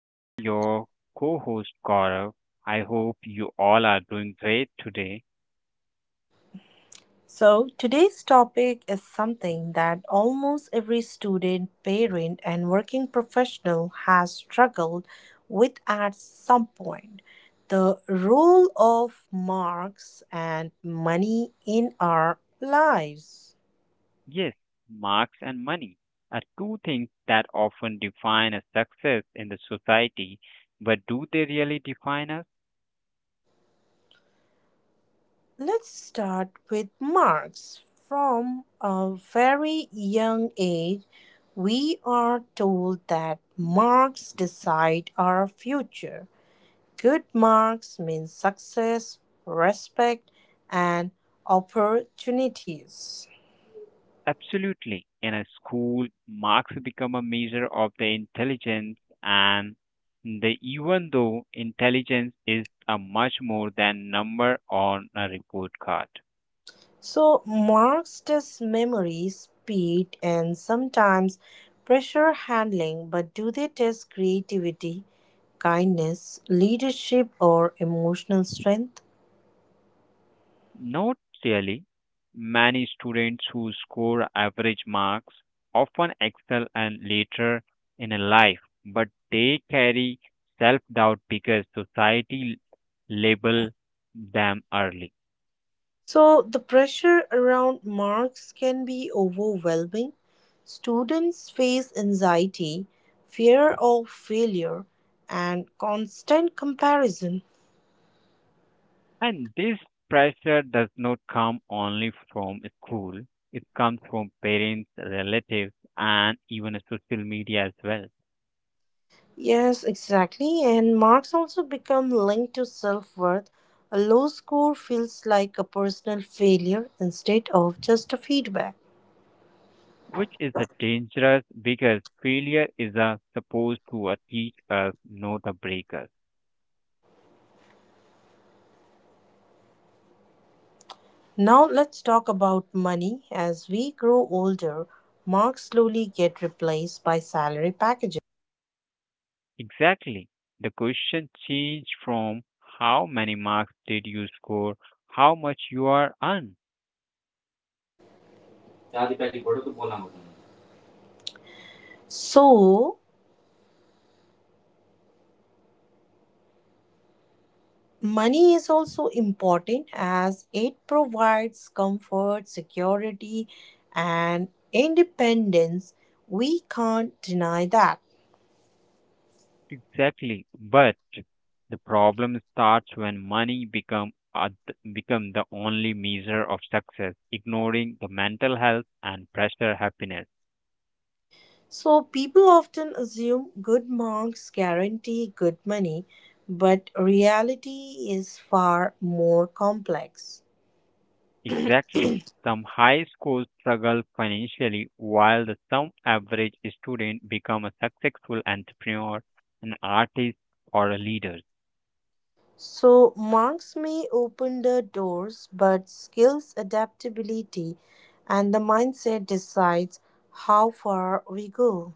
I'm your co host, Gaurav. I hope you all are doing great today. So, today's topic is something that almost every student, parent, and working professional has struggled with at some point, the role of marks and money in our lives. Yes, marks and money are two things that often define a success in the society, but do they really define us? Let's start with marks. From a very young age, we are told that marks decide our future. Good marks mean success, respect, and opportunities. Absolutely. In a school, marks become a measure of the intelligence, and even though intelligence is a much more than number on a report card. So, marks test memory, speed, and sometimes pressure handling, but do they test creativity, kindness, leadership, or emotional strength? Not really. Many students who score average marks often excel and later in a life, but they carry self-doubt because society label them early. So, the pressure around marks can be overwhelming. Students face anxiety, fear of failure, and constant comparison. And this pressure does not come only from school, it comes from parents, relatives, and even social media as well, Yes, exactly. And marks also become linked to self worth. A low score feels like a personal failure instead of just a feedback. which is a dangerous because failure is a supposed to teach us, not a break us. Now, let's talk about money. As we grow older, marks slowly get replaced by salary packages. Exactly. The question changed from how many marks did you score, how much you are earned. So, money is also important as it provides comfort, security, and independence. We can't deny that. Exactly. But the problem starts when money become the only measure of success, ignoring the mental health and pressure happiness. So, people often assume good marks guarantee good money, but reality is far more complex. Exactly. Some high schools struggle financially while the some average student become a successful entrepreneur, an artist or a leader. So marks may open the doors, but skills, adaptability, and the mindset decides how far we go.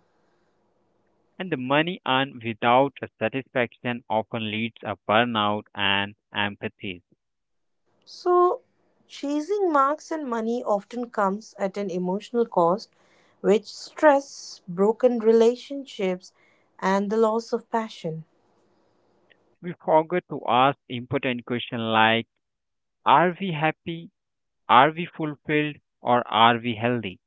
And the money earned without a satisfaction often leads a burnout and empathy. So chasing marks and money often comes at an emotional cost, which stress, broken relationships, and the loss of passion. We forget to ask important questions like: Are we happy? Are we fulfilled? Or are we healthy?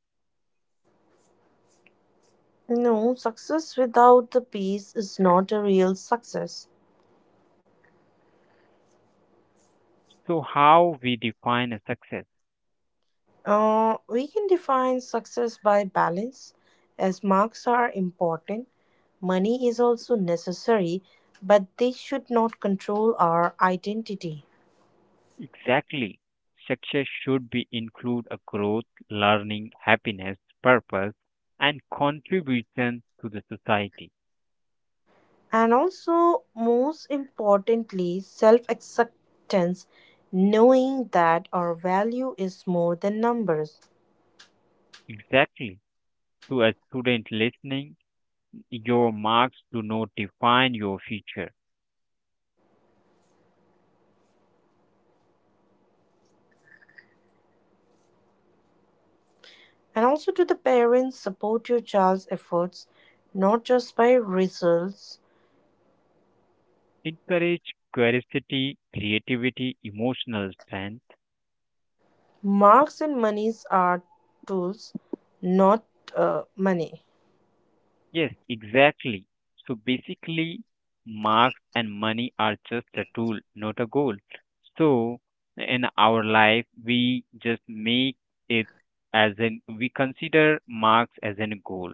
No, success without the peace is not a real success. So, how we define a success? We can define success by balance, as marks are important. Money is also necessary, but they should not control our identity. Exactly. Success should be include a growth, learning, happiness, purpose, and contribution to the society. And also, most importantly, self acceptance, knowing that our value is more than numbers. Exactly. To a student listening, your marks do not define your future. And also, to the parents, support your child's efforts not just by results. Encourage curiosity, creativity, emotional strength. Marks and monies are tools, not money. Yes, exactly. So basically, marks and money are just a tool, not a goal. So in our life, we just make it as in we consider marks as a goal.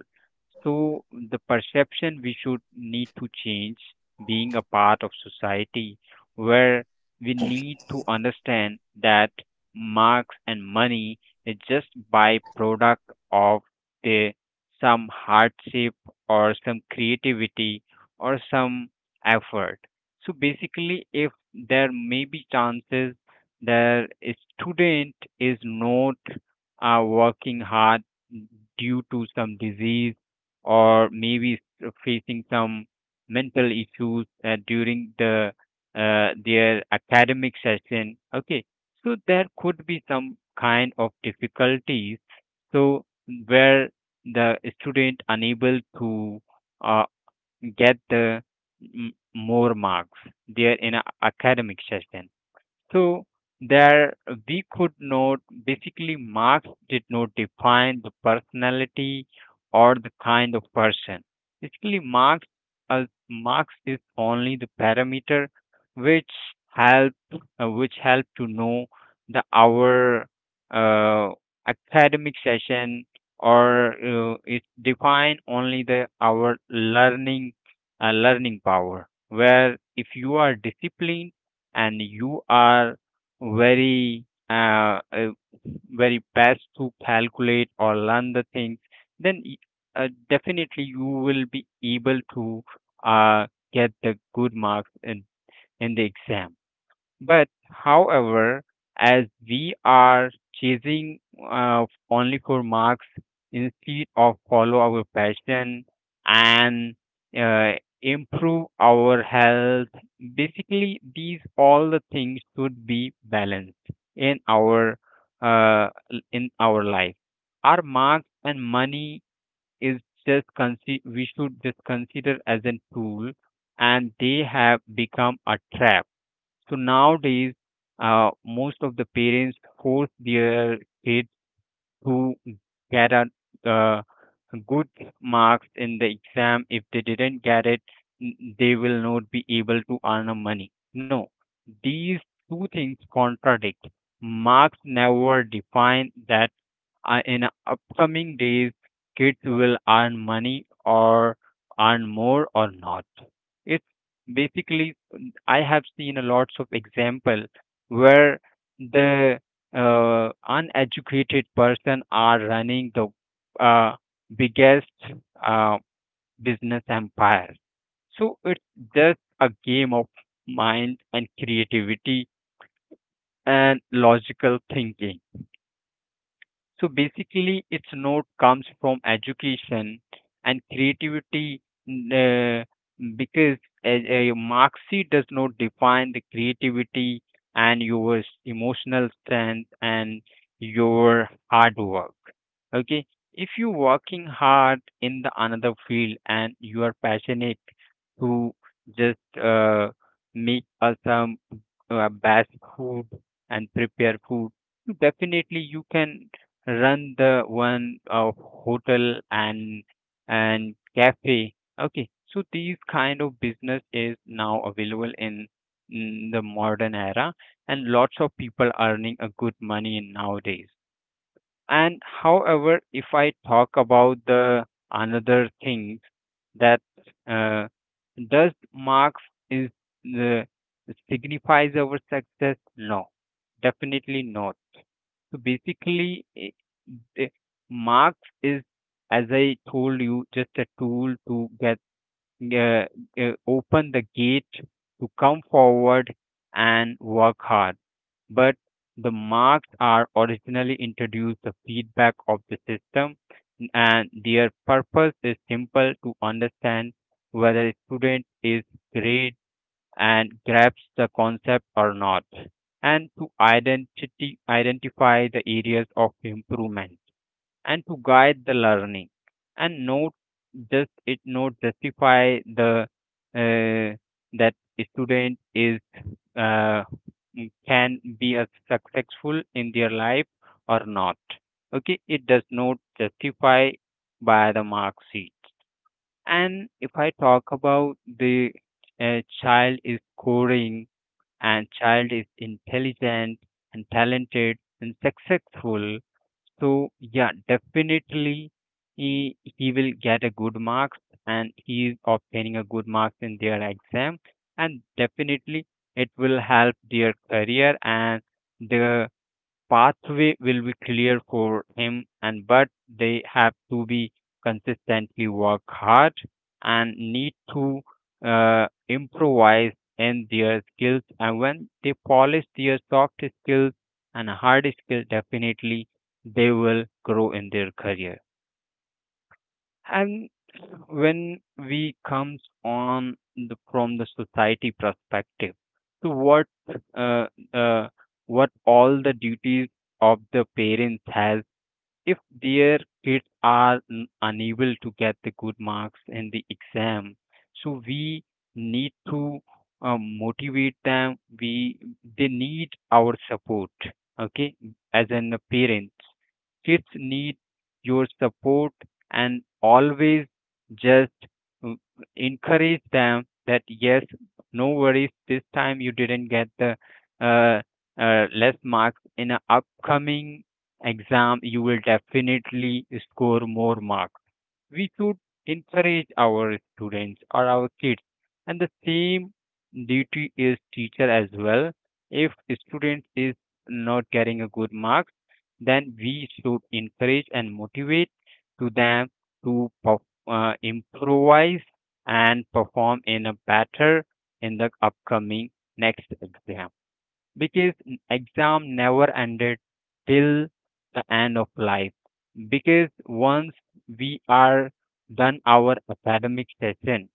So the perception we should need to change being a part of society where we need to understand that marks and money is just byproduct of the some hardship or some creativity or some effort. So basically, if there may be chances that a student is not working hard due to some disease or facing some mental issues during the their academic session, okay, so there could be some kind of difficulties, so where the student unable to uh, get the more marks there in a academic session, so there we could note basically Marx did not define the personality or the kind of person. Basically Marx, Marx is only the parameter which help, which help to know the our uh, academic session, or it define only the our learning, learning power, where if you are disciplined and you are very very best to calculate or learn the things, then definitely you will be able to uh, get the good marks in the exam. But however, as we are chasing only for marks instead of follow our passion and uh, improve our health, basically these all the things should be balanced in our in our life. Our marks and money is just we should just consider as a tool, and they have become a trap. So nowadays, most of the parents force their kid who get a uh, good marks in the exam. If they didn't get it, they will not be able to earn a money. No, these two things contradict. Marks never define that in upcoming days kids will earn money or earn more or not. It's basically, I have seen a lots of example where the uneducated person are running the uh, biggest uh, business empire. So it's just a game of mind and creativity and logical thinking. So basically, its note comes from education and creativity. n- uh, because a Marxi does not define the creativity and your emotional strength and your hard work. Okay, if you working hard in the another field and you are passionate to just make some best food and prepare food, you definitely you can run the one hotel and cafe. Okay, so these kind of business is now available in the modern era, and lots of people earning a good money in nowadays. And however, if I talk about the another thing, that uh, does marks is the signifies our success? No, definitely not. So basically, the marks is, as I told you, just a tool to get uh, uh, open the gate to come forward and work hard. But the marks are originally introduced the feedback of the system, and their purpose is simple to understand whether a student is great and grasps the concept or not, and to identify the areas of improvement and to guide the learning, and not just, it not justify the uh, that student is uh, can be a successful in their life or not. Okay, it does not justify by the mark sheet. And if I talk about the child is scoring and child is intelligent and talented and successful, so yeah, definitely he will get a good marks, and he is obtaining a good marks in their exam, and definitely it will help their career, and the pathway will be clear for him. And but they have to be consistently work hard and need to improvise in their skills, and when they polish their soft skills and hard skills, definitely they will grow in their career. And when we comes on the, from the society perspective, so uh, uh, what all the duties of the parents has if their kids are unable to get the good marks in the exam, so we need to motivate them. We, they need our support. Okay, as in the parents, kids need your support, and always just uh, encourage them that yes, no worries, this time you didn't get the uh, less marks. In a upcoming exam, you will definitely score more marks. We should encourage our students or our kids, and the same duty is teacher as well. If a student is not getting a good marks, then we should encourage and motivate to them to improvise and perform in a better in the upcoming next exam, because exam never ended till the end of life. Because once we are done our academic session,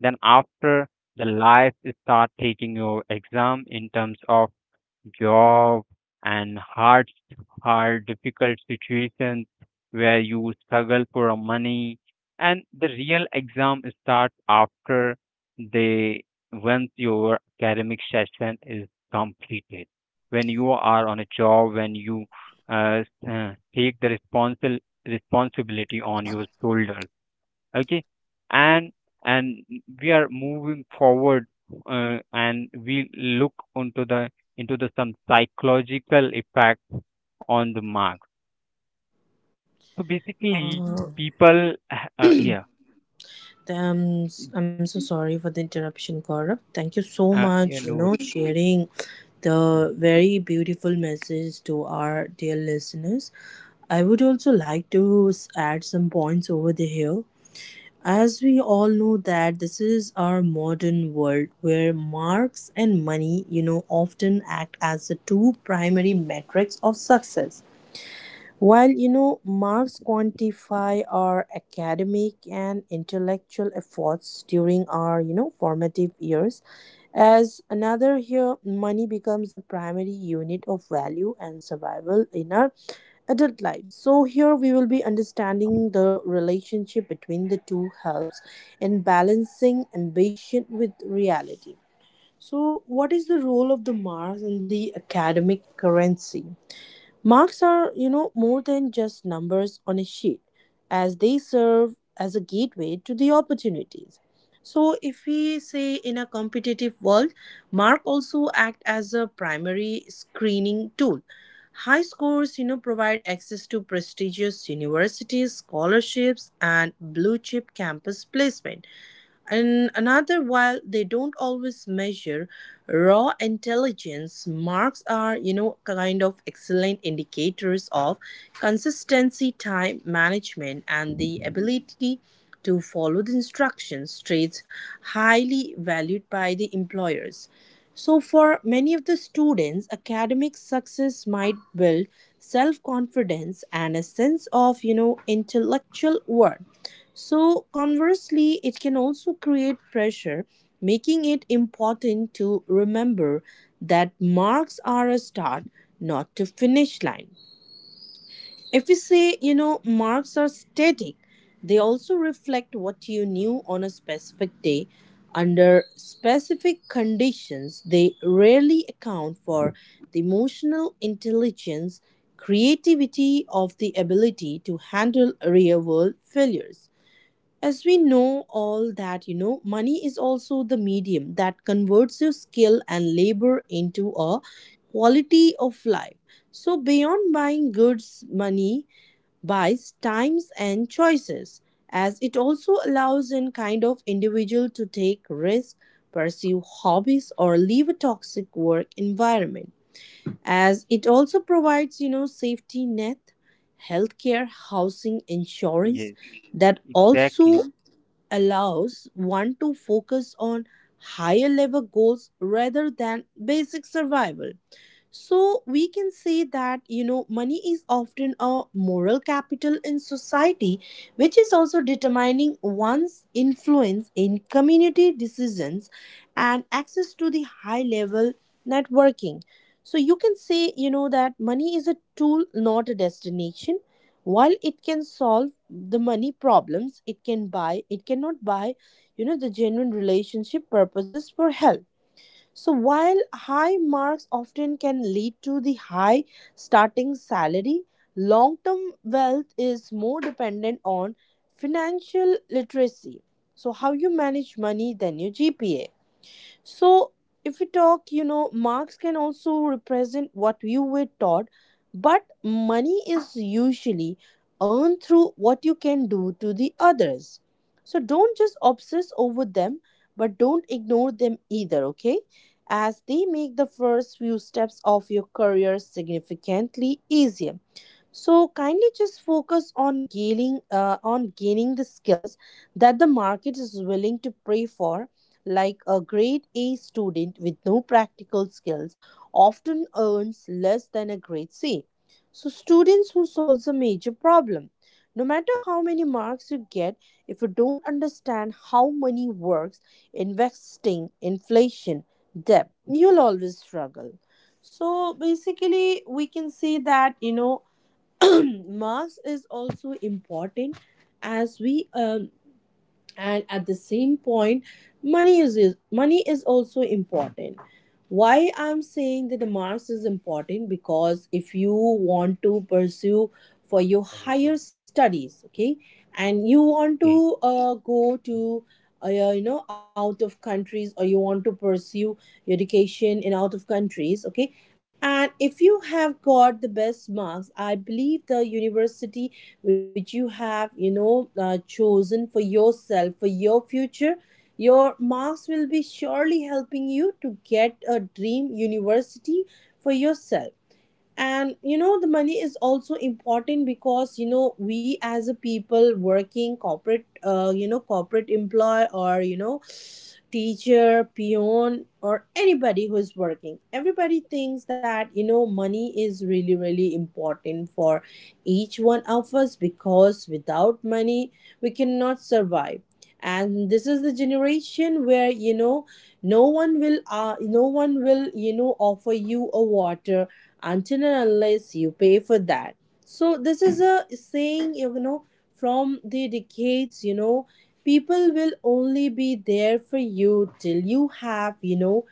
then after, the life start taking your exam in terms of job, and hard, difficult situations where you struggle for a money. And the real exam starts after they, once your academic session is completed. When you are on a job, when you take the responsible responsibility on your shoulders. Okay, and and we are moving forward, and we look onto the, into the some psychological effects on the mark. So basically Uh, people, yeah, I'm, I'm so sorry for the interruption, Gaurav. Thank you so uh, much, you know sharing the very beautiful message to our dear listeners. I would also like to add some points over the hill. As we all know that this is our modern world where marks and money, often act as the two primary metrics of success. While marks quantify our academic and intellectual efforts during our formative years, as another here money becomes a primary unit of value and survival in our adult lives. So here we will be understanding the relationship between the two helps in balancing ambition with reality. So what is the role of the marks in the academic currency? Marks are, more than just numbers on a sheet, as they serve as a gateway to the opportunities. So, if we say in a competitive world, mark also act as a primary screening tool. High scores, provide access to prestigious universities, scholarships, and blue chip campus placement. And another, while they don't always measure raw intelligence, marks are, kind of excellent indicators of consistency, time management, and the ability to follow the instructions, traits highly valued by the employers. So, for many of the students, academic success might build self confidence and a sense of, intellectual worth. So, conversely, it can also create pressure, making it important to remember that marks are a start, not a finish line. If we say, marks are static, they also reflect what you knew on a specific day. Under specific conditions, they rarely account for the emotional intelligence, creativity of the ability to handle real world failures. As we know all that, money is also the medium that converts your skill and labor into a quality of life. So, beyond buying goods, money buys times and choices as it also allows an kind of individual to take risks, pursue hobbies or leave a toxic work environment, as it also provides safety net, healthcare, housing, insurance, yes, that also exactly. allows one to focus on higher level goals rather than basic survival. So we can say that money is often a moral capital in society, which is also determining one's influence in community decisions and access to the high level networking. So you can say that money is a tool, not a destination. While it can solve the money problems, it can buy, it cannot buy, the genuine relationship purposes for health. So, while high marks often can lead to the high starting salary, long term wealth is more dependent on financial literacy. So, how you manage money than your GPA. So, if we talk, marks can also represent what you were taught, but money is usually earned through what you can do to the others. So, don't just obsess over them, but don't ignore them either, okay? As they make the first few steps of your career significantly easier. So kindly just focus on gaining the skills that the market is willing to pay for, like a grade A student with no practical skills often earns less than a grade C. So students who solves a major problem. No matter how many marks you get, if you don't understand how money works, investing, inflation, debt, you'll always struggle. So basically we can see that mass is also important as we and at the same point money is also important. Why I'm saying that the marks is important? Because if you want to pursue for your higher studies, okay, and you want Okay. to go to you know, out of countries, or you want to pursue your education in out of countries, okay, and if you have got the best marks, I believe the university which you have, you know, chosen for yourself, for your future, your marks will be surely helping you to get a dream university for yourself. And you know, the money is also important because you know, we as a people working corporate, you know, corporate employee, or you know, teacher, peon, or anybody who is working, everybody thinks that you know, money is really really important for each one of us, because without money we cannot survive. And this is the generation where you know, no one will, you know, offer you a water until and unless you pay for that. So, this is a saying, you know, from the decades, you know, people will only be there for you till you have, you know,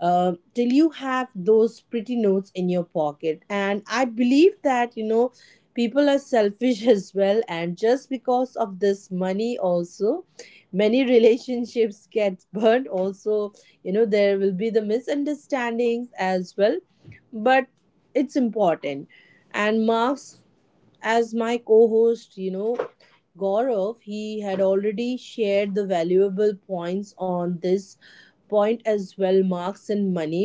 till you have those pretty notes in your pocket. And I believe that, you know, people are selfish as well. And just because of this money, also, many relationships get burned. Also, you know, there will be the misunderstandings as well. But it's important. And marks, as my co-host, you know, Gaurav, he had already shared the valuable points on this point as well, marks and money.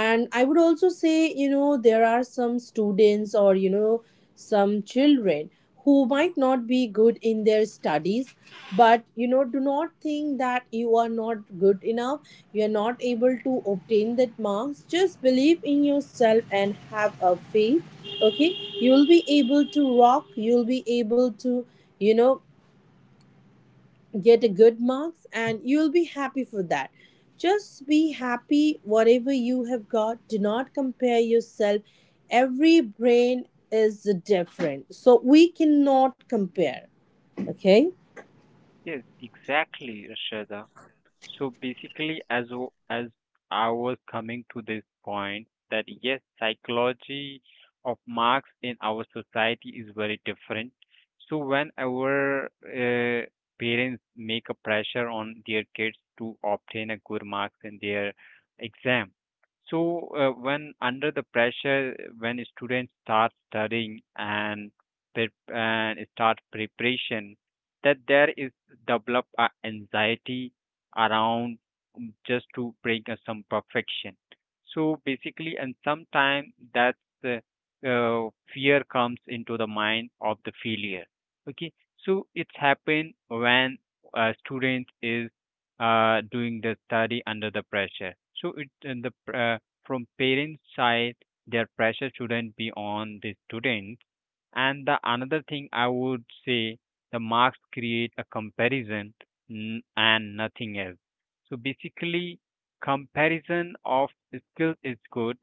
And I would also say, you know, there are some students, or you know, some children who might not be good in their studies, but you know, do not think that you are not good enough, you are not able to obtain that marks. Just believe in yourself and have a faith, okay? You'll be able to rock, you'll be able to, you know, get a good marks and you'll be happy for that. Just be happy whatever you have got, do not compare yourself. Every brain is different, so we cannot compare. Okay. Yes, exactly, Rashada. So basically, as I was coming to this point, that yes, psychology of marks in our society is very different. So whenever parents make a pressure on their kids to obtain a good marks in their exam, so when under the pressure, when students start studying and prep and start preparation, that there is develop a anxiety around, just to bring us some perfection. So basically, and sometimes that's uh, uh, fear comes into the mind of the failure. Okay, so it's happened when a student is doing the study under the pressure. So it, and from parents' side, their pressure shouldn't be on the student. And the another thing I would say, the marks create a comparison and nothing else. So basically, comparison of skills is good,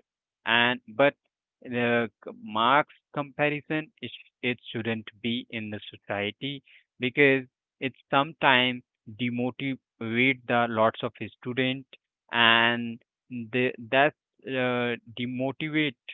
and but the marks comparison, it shouldn't be in the society, because it sometimes demotivate the lots of student, and the that demotivate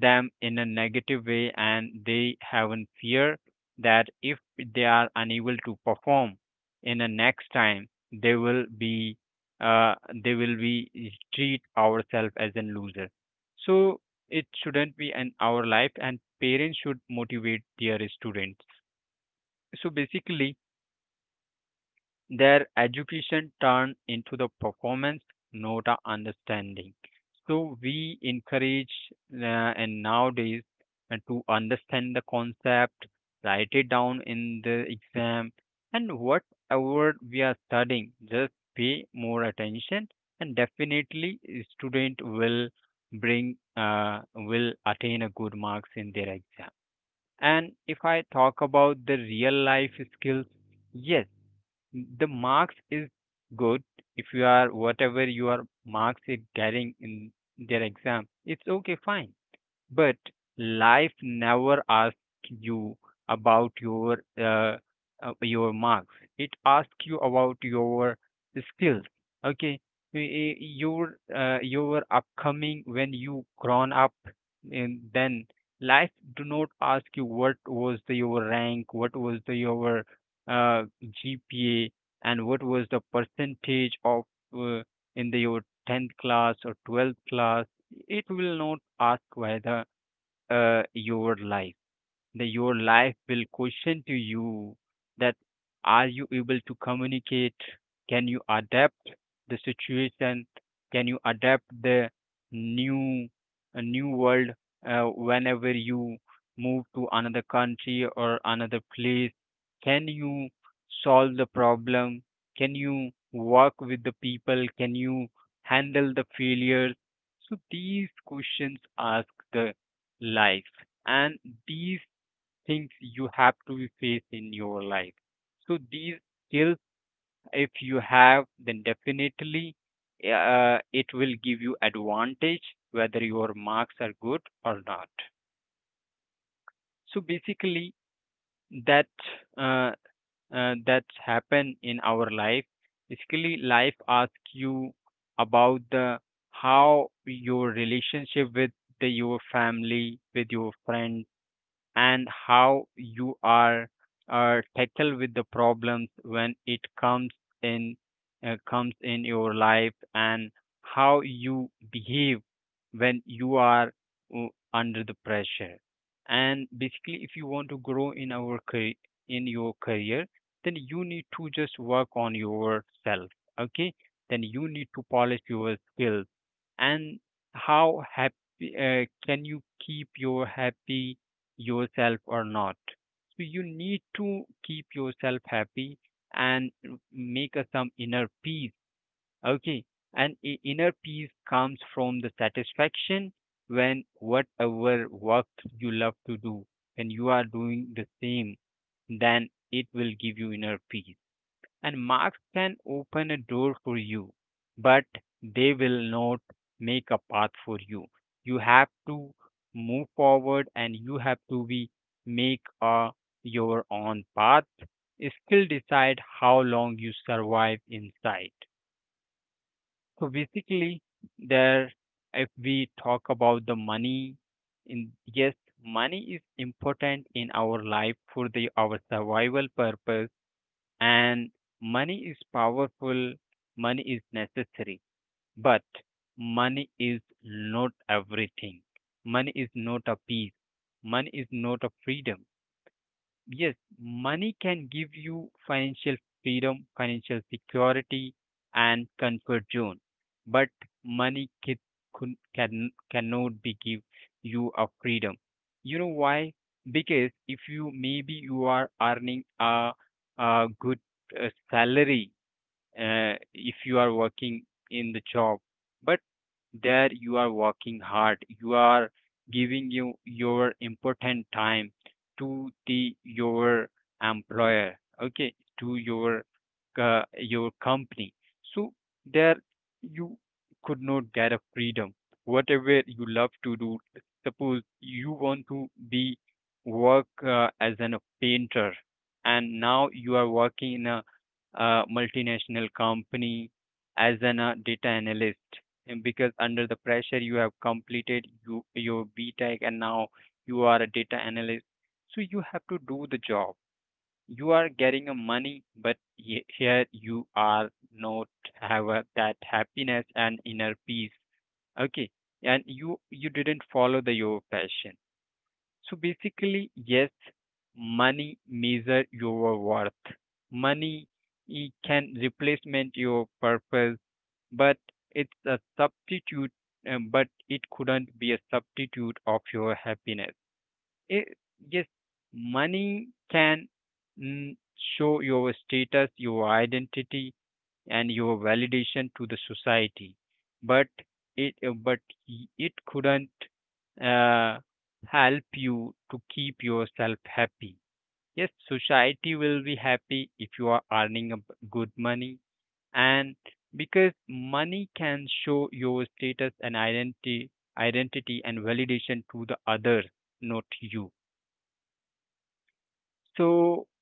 them in a negative way, and they have a fear that if they are unable to perform in the next time, they will be, uh, they will be treat ourselves as a loser. So it shouldn't be in our life, and parents should motivate their students. So basically, their education turned into the performance, not a understanding. So we encourage, uh, and nowadays to understand the concept, write it down in the exam, and whatever we are studying, just pay more attention, and definitely student will bring will attain a good marks in their exam. And if I talk about the real life skills, yes, the marks is good. If you are, whatever your marks is getting in their exam, it's okay, fine. But life never asks you about your marks. It asks you about your skills. Okay, your upcoming when you grown up, and then life do not ask you what was the your rank, what was the your uh, GPA, and what was the percentage of uh, in the your tenth class or twelfth class. It will not ask whether your life the your life will question to you that are you able to communicate, can you adapt the situation, can you adapt the new a new world, uh, whenever you move to another country or another place, can you solve the problem, can you work with the people, can you handle the failures? So these questions ask the life, and these things you have to face in your life. So these skills, if you have, then definitely it will give you advantage whether your marks are good or not. So basically, that uh, that happen in our life. Basically, life asks you about the how your relationship with the, your family, with your friends, and how you are tackle with the problems when it in comes in your life, and how you behave when you are uh, under the pressure. And basically, if you want to grow in our career, in your career, then you need to just work on yourself, okay, then you need to polish your skills, and how happy can you keep your happy yourself or not. So you need to keep yourself happy and make a, some inner peace. Okay, and inner peace comes from the satisfaction when whatever work you love to do, when you are doing the same, then it will give you inner peace. And marks can open a door for you, but they will not make a path for you. You have to move forward, and you have to be make a, your own path. Skill decide how long you survive inside. So basically, there if we talk about the money, in yes, money is important in our life for the our survival purpose, and money is powerful, money is necessary, but money is not everything. Money is not a peace, money is not a freedom, yes, money can give you financial freedom, financial security, and comfort zone, but money can cannot be give you a freedom. You know why? Because if you maybe you are earning a good salary, if you are working in the job, but there you are working hard, you are giving you your important time to the your employer, okay, to your company, so there you could not get a freedom whatever you love to do. Suppose you want to be work as a painter, and now you are working in a, multinational company as an a data analyst, and because under the pressure you have completed you, your BTech, and now you are a data analyst. So you have to do the job. You are getting a money, but here you are not have a, that happiness and inner peace. Okay, and you didn't follow the your passion. So basically, yes, money measure your worth. Money it can replacement your purpose, but it's a substitute, but it couldn't be a substitute of your happiness. It, yes, money can mm, show your status, your identity, and your validation to the society, but it but it couldn't uh, help you to keep yourself happy. Yes, society will be happy if you are earning a good money, and because money can show your status and identity, identity and validation to the others, not you. So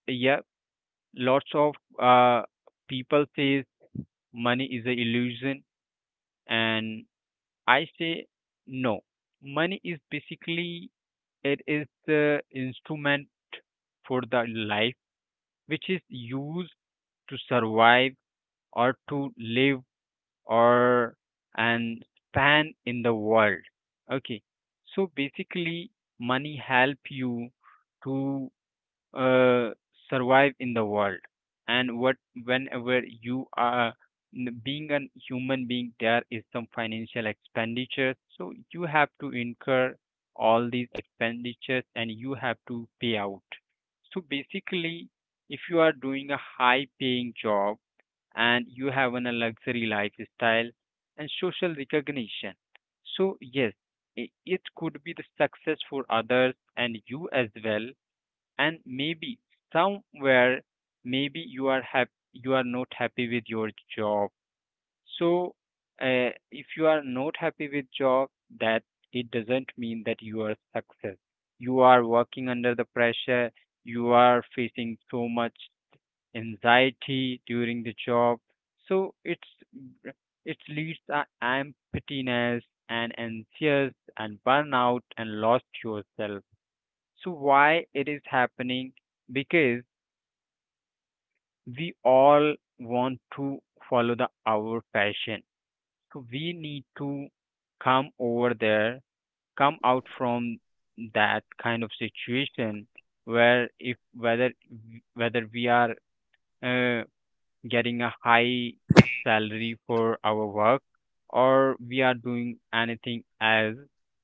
yeah, lots of uh, people says money is a illusion, and I say no, money is basically it is the instrument for the life which is used to survive or to live or and span in the world. Okay, so basically, money help you to uh, survive in the world. And what, whenever you are being a human being, there is some financial expenditures, so you have to incur all these expenditures and you have to pay out. So basically, if you are doing a high paying job, and you have an, a luxury lifestyle and social recognition. So, yes, it could be the success for others and you as well. And maybe somewhere, maybe you are happy, you are not happy with your job. So, if you are not happy with job, that it doesn't mean that you are success. You are working under the pressure. You are facing so much anxiety during the job. So it leads to emptiness and anxious and burnout and lost yourself. So why it is happening? Because we all want to follow the our passion. So we need to come over there, come out from that kind of situation where if whether we are uh, getting a high salary for our work, or we are doing anything else,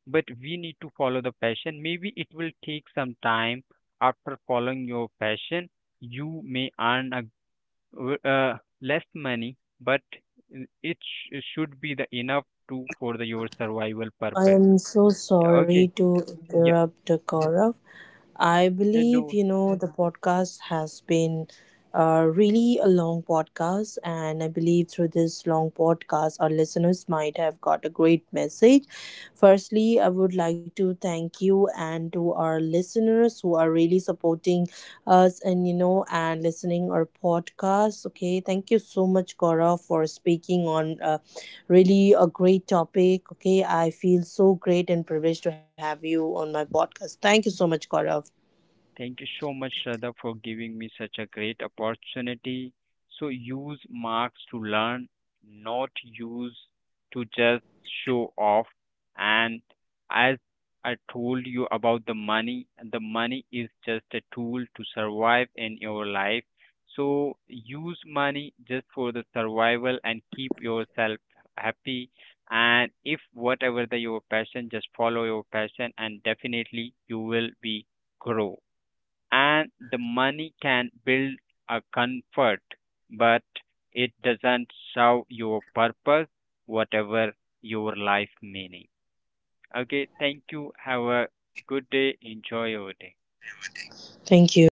but we need to follow the passion. Maybe it will take some time. After following your passion, you may earn a w- uh, less money, but it should be the enough to for the your survival I purpose. am so sorry Okay, to yeah, interrupt, Gaurav. I yeah, believe, you no. know, the podcast has been really a long podcast, and I believe through this long podcast, our listeners might have got a great message. Firstly, I would like to thank you and to our listeners who are really supporting us and you know, and listening our podcast. Okay, thank you so much, Gaurav, for speaking on really a great topic. Okay, I feel so great and privileged to have you on my podcast. Thank you so much, Gaurav. Thank you so much, Shraddha, for giving me such a great opportunity. So use marks to learn, not use to just show off. And as I told you about the money is just a tool to survive in your life. So use money just for the survival and keep yourself happy. And if whatever the your passion, just follow your passion, and definitely you will be grow. And the money can build a comfort, but it doesn't serve your purpose, whatever your life meaning. Okay, thank you. Have a good day. Enjoy your day. Thank you.